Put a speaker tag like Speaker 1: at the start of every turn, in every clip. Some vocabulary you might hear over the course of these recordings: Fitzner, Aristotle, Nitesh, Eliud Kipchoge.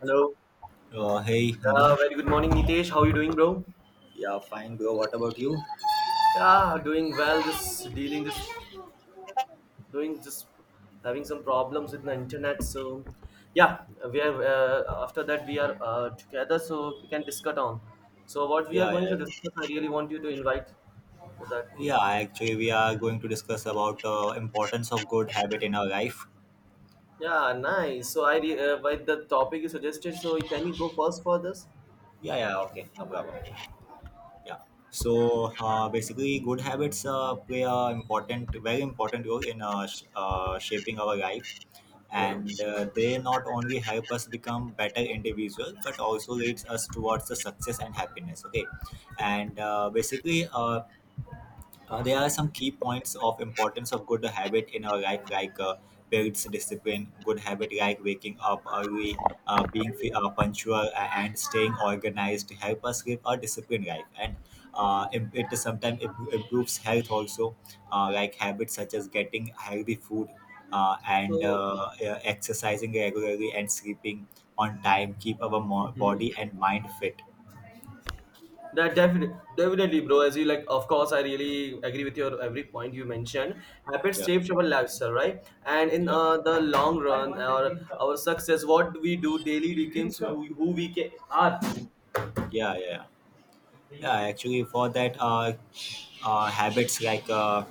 Speaker 1: Hello.
Speaker 2: Hey, Naman.
Speaker 1: Very good morning, Nitesh. How are you doing, bro?
Speaker 2: Yeah, fine, bro. What about you?
Speaker 1: Yeah, doing well. Just dealing this, doing just having some problems with the internet. So, yeah, we are. After that, we are together, so we can discuss on. So, what we are
Speaker 2: Yeah,
Speaker 1: going to
Speaker 2: yeah,
Speaker 1: discuss, I really want you to invite for that.
Speaker 2: yeah. Actually, we are going to discuss about importance of good habit in our life.
Speaker 1: Yeah, nice. So, by the topic you suggested. So, can you go first for this?
Speaker 2: Yeah, yeah, okay, no problem. Yeah. So basically, good habits play a important, very important role in shaping our life,
Speaker 1: Yeah.
Speaker 2: and they not only help us become better individual, but also leads us towards the success and happiness. Okay, and basically, there are some key points of importance of good habit in our life, like builds discipline, good habit like waking up early, being punctual, and staying organized help us live a disciplined life. And it sometimes improves health also, like habits such as getting healthy food uh, and
Speaker 1: So.
Speaker 2: uh, uh, exercising regularly and sleeping on time keep our
Speaker 1: Mhm.
Speaker 2: body and mind fit.
Speaker 1: That definitely, definitely, bro. As you like, of course, I really agree with your every point you mentioned. Habits
Speaker 2: Yeah,
Speaker 1: shapes our lifestyle, right? And in
Speaker 2: yeah,
Speaker 1: the long run, our success, what we do daily becomes who we are.
Speaker 2: yeah, yeah. Yeah, actually, for that, habits like uh,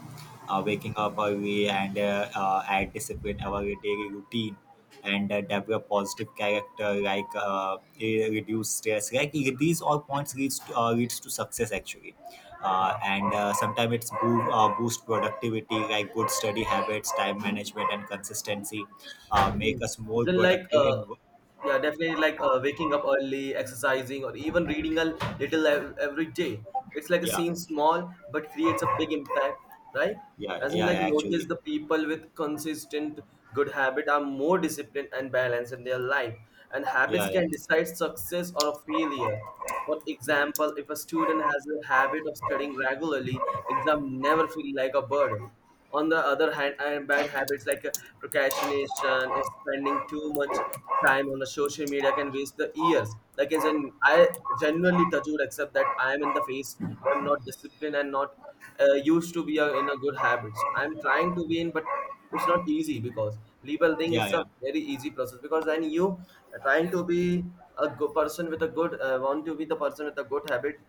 Speaker 2: uh, waking up early and add discipline our daily routine and develop positive character like reduce stress like these all points leads to, leads to success actually, and sometimes it's boost productivity like good study habits, time management and consistency, make
Speaker 1: Mm.
Speaker 2: us more
Speaker 1: Isn't like
Speaker 2: productive in
Speaker 1: yeah, definitely, like waking up early, exercising, or even reading a little every day. It's like a
Speaker 2: yeah,
Speaker 1: scene small but creates a big impact, right?
Speaker 2: yeah,
Speaker 1: As in,
Speaker 2: yeah,
Speaker 1: like,
Speaker 2: yeah,
Speaker 1: notice
Speaker 2: actually,
Speaker 1: the people with consistent good habit are more disciplined and balanced in their life, and habits
Speaker 2: yeah, yeah,
Speaker 1: can decide success or a failure. For example, if a student has a habit of studying regularly, exam never feel like a burden. On the other hand, I have bad habits like procrastination or spending too much time on the social media can waste the years. Like, as in, I genuinely touch wood, except that I am in the phase where I'm not disciplined and not used to be in a good habit. So I'm trying to be in, but it's not easy because label thing
Speaker 2: yeah,
Speaker 1: is a
Speaker 2: yeah,
Speaker 1: very easy process because when you are trying to be a good person with a good want to be the person with a good habit,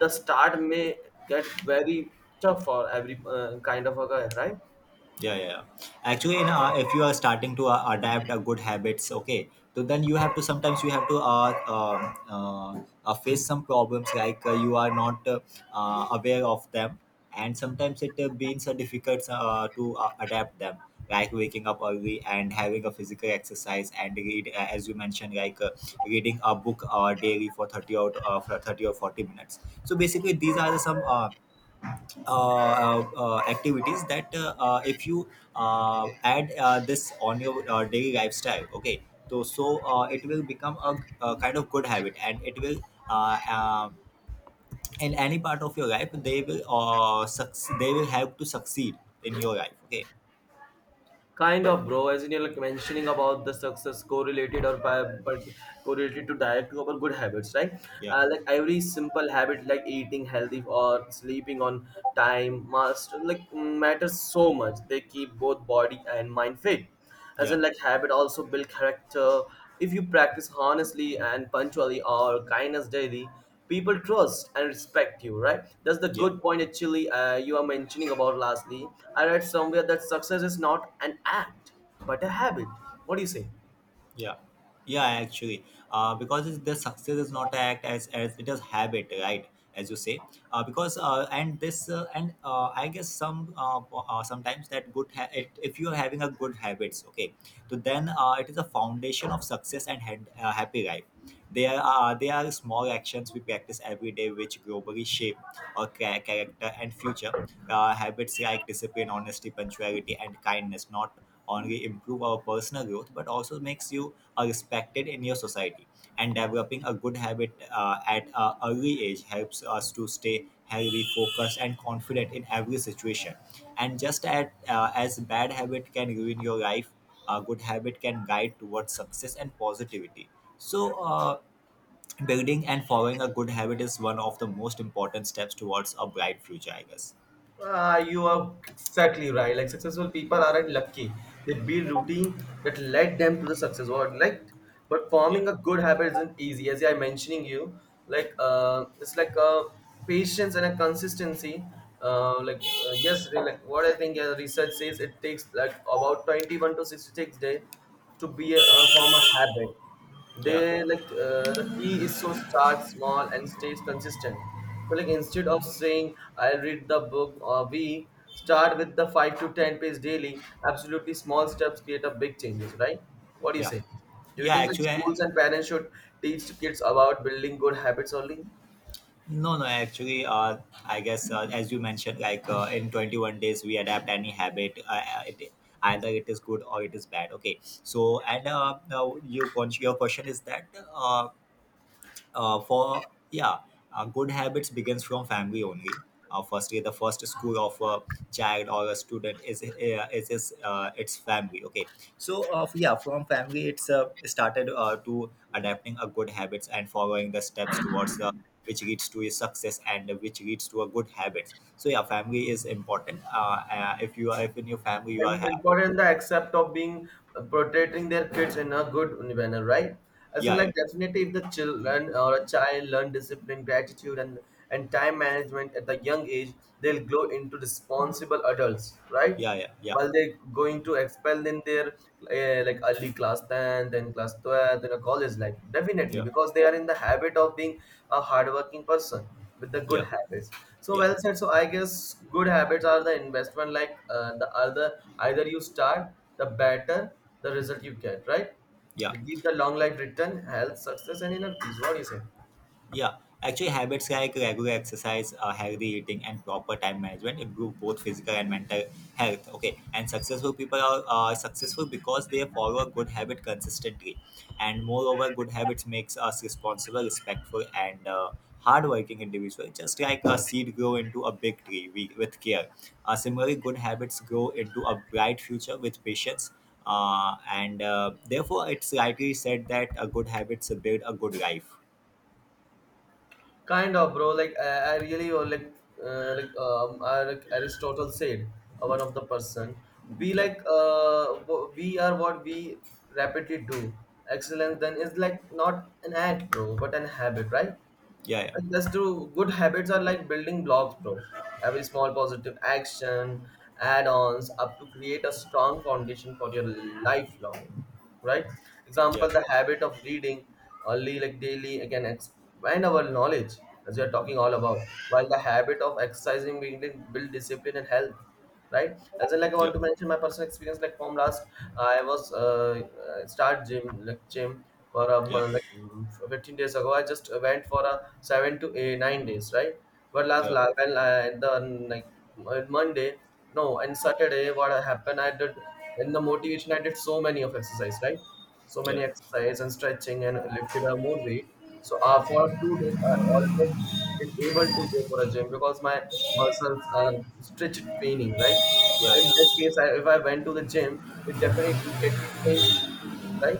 Speaker 1: the start may get very tough for every kind of a guy, right?
Speaker 2: yeah, yeah, yeah. Actually, you know, if you are starting to adapt a good habits, okay, so then you have to, sometimes you have to face some problems like you are not aware of them, and sometimes it beings difficult to adapt them, like waking up early and having a physical exercise and read, as you mentioned, like reading a book daily for 30 or for 30 or 40 minutes. So basically these are the some activities that if you add this on your daily lifestyle, okay, so it will become a kind of good habit, and it will uh, uh, in any part of your life, they will they will help to succeed in your life, okay.
Speaker 1: Kind of, bro, as in you're like mentioning about the success correlated or by but correlated to direct to our good habits, right?
Speaker 2: Yeah,
Speaker 1: Like every simple habit like eating healthy or sleeping on time must like matters so much, they keep both body and mind fit. As
Speaker 2: yeah,
Speaker 1: in, like, habit also build character. If you practice honestly and punctually or kindness daily, people trust and respect you, right? That's the
Speaker 2: yeah,
Speaker 1: good point. Actually, you are mentioning about lastly. I read somewhere that success is not an act but a habit. What do you say?
Speaker 2: yeah, yeah, actually, because it's, the success is not act, as it is habit, right? As you say, because and this and I guess some, sometimes that good it, if you're having a good habits, okay, so then it is a foundation of success and hand, happy life. There are small actions we practice every day which globally shape our character and future. Habits like discipline, honesty, punctuality and kindness not only improve our personal growth but also makes you respected in your society, and developing a good habit at an early age helps us to stay healthy, focused and confident in every situation. And just at, as bad habit can ruin your life, a good habit can guide towards success and positivity. So building and following a good habit is one of the most important steps towards a bright future, I guess.
Speaker 1: Ah, you are exactly right. Like successful people aren't lucky. They build routine that led them to the success. What like, but
Speaker 2: Yeah,
Speaker 1: forming a good habit isn't easy. As I mentioning you, like, it's like a patience and a consistency. Like yes, they, like what I think research says it takes like about 21 to 66 days to be form a habit.
Speaker 2: yeah,
Speaker 1: They, like, the key is to start small and stay consistent. So, like, instead of saying I'll read the book a week, start with the 5 to 10 page daily. Absolutely, small steps create a big changes, right? What do you
Speaker 2: yeah,
Speaker 1: say? Do you
Speaker 2: yeah,
Speaker 1: think like
Speaker 2: actually,
Speaker 1: schools and parents should teach kids about building good habits only?
Speaker 2: no, no, actually, I guess, as you mentioned, like in 21 days, we adapt any habit. It, either it is good or it is bad. Okay. So, and now you, your question is that uh, for yeah good habits begins from family only. Firstly, the first school of a child or a student is, is his, its family, okay. So yeah, from family it's started to adapting a good habits and following the steps towards the, which leads to a success and which leads to a good habits. So yeah, family is important. If you are, if in your family you are
Speaker 1: And
Speaker 2: having,
Speaker 1: important the accept of being protecting their kids in a good manner, right? As in,
Speaker 2: yeah,
Speaker 1: like,
Speaker 2: yeah,
Speaker 1: definitely if the children or a child learn discipline, gratitude, and time management at the young age, they'll grow into responsible adults, right?
Speaker 2: yeah, yeah, yeah,
Speaker 1: While they're going to expel in their, like, early class 10, then class 12, then a college life, definitely,
Speaker 2: yeah,
Speaker 1: because they are in the habit of being a hardworking person with the good
Speaker 2: yeah,
Speaker 1: habits. So,
Speaker 2: yeah,
Speaker 1: well said. So I guess good habits are the investment, like, the other, either you start, the better the result you get, right?
Speaker 2: yeah.
Speaker 1: They give the long life return, health, success, and inner peace. What do you say?
Speaker 2: Yeah, actually, habits like regular exercise, healthy eating, and proper time management improve both physical and mental health. Okay, and successful people are successful because they follow a good habit consistently, and moreover, good habits makes us responsible, respectful, and hardworking individual. Just like a seed grow into a big tree we, with care, similarly, good habits grow into a bright future with patience. And therefore, it's rightly said that a good habits build a good life.
Speaker 1: Kind of, bro, like I really like Aristotle said, one of the person, we
Speaker 2: Yeah.
Speaker 1: like we are what we rapidly do. Excellence, then, is like not an act, bro, but an habit, right?
Speaker 2: Yeah, yeah,
Speaker 1: And that's true. Good habits are like building blocks, bro. Every small positive action, add ons, up to create a strong foundation for your lifelong, right? Example,
Speaker 2: yeah,
Speaker 1: the habit of reading early, like daily, again, expand our knowledge, as we are talking all about, while the habit of exercising building build discipline and health. Right, as in, like, I
Speaker 2: yeah,
Speaker 1: want to mention my personal experience. Like from last, I was start gym, like gym for
Speaker 2: yeah,
Speaker 1: like 15 days ago. I just went for a 7 to 8, 9 days, right? But last
Speaker 2: yeah,
Speaker 1: last and the like, on Monday, no, and Saturday, what happened? I did in the motivation. I did so many of exercise, right? So
Speaker 2: yeah, yeah,
Speaker 1: many
Speaker 2: yeah,
Speaker 1: exercise and stretching and lifted up more weight. So for 2 days, I almost been able to go for a gym because my muscles are stretched paining, right? In that case, I, if I went to the gym, it definitely would get me to the injury, right?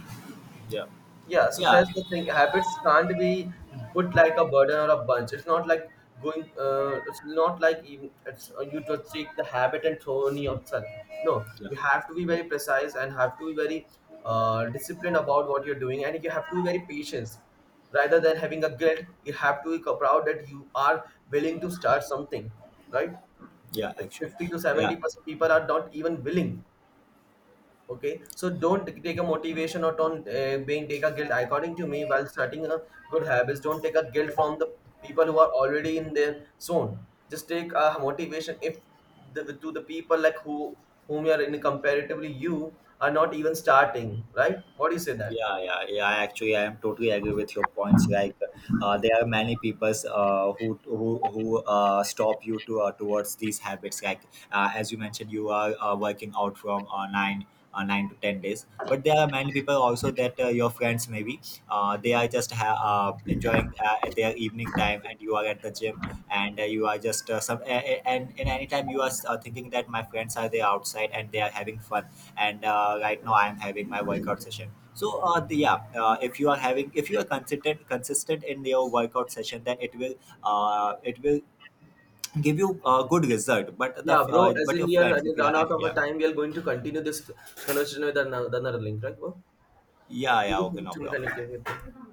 Speaker 2: yeah,
Speaker 1: Yeah, so that's
Speaker 2: yeah,
Speaker 1: the thing. Habits can't be put like a burden or a bunch. It's not like going. It's not like even it's you just take the habit and throw on yourself. No,
Speaker 2: yeah,
Speaker 1: you have to be very precise and have to be very disciplined about what you're doing, and you have to be very patient. Rather than having a guilt, you have to be proud that you are willing to start something, right?
Speaker 2: yeah,
Speaker 1: Like
Speaker 2: actually,
Speaker 1: fifty to seventy
Speaker 2: yeah.
Speaker 1: percent people are not even willing. Okay, so don't take a motivation or don't being take a guilt. According to me, while starting a good habits, don't take a guilt from the people who are already in their zone. Just take a motivation if the, to the people like who whom you are in comparatively you are not even starting, right? What do you say that?
Speaker 2: Yeah, yeah, yeah. I Actually, I am totally agree with your points. Like, there are many peoples who stop you to towards these habits. Like, as you mentioned, you are working out from nine. 9 to 10 days, but there are many people also that your friends maybe they are just enjoying at their evening time, and you are at the gym, and you are just and anytime you are thinking that my friends are there outside and they are having fun, and right now I'm having my workout session. So the, yeah If you are having, if you are consistent in your workout session, then it will give you a good result, but the,
Speaker 1: Yeah, bro. As
Speaker 2: but
Speaker 1: in,
Speaker 2: your
Speaker 1: we are
Speaker 2: friends, if
Speaker 1: we
Speaker 2: you
Speaker 1: run
Speaker 2: are,
Speaker 1: out of a
Speaker 2: yeah,
Speaker 1: time, we are going to continue this conversation with another link, right, bro? Yeah,
Speaker 2: yeah,
Speaker 1: thank
Speaker 2: yeah,
Speaker 1: you
Speaker 2: okay, no
Speaker 1: so much for
Speaker 2: problem.
Speaker 1: connecting with me.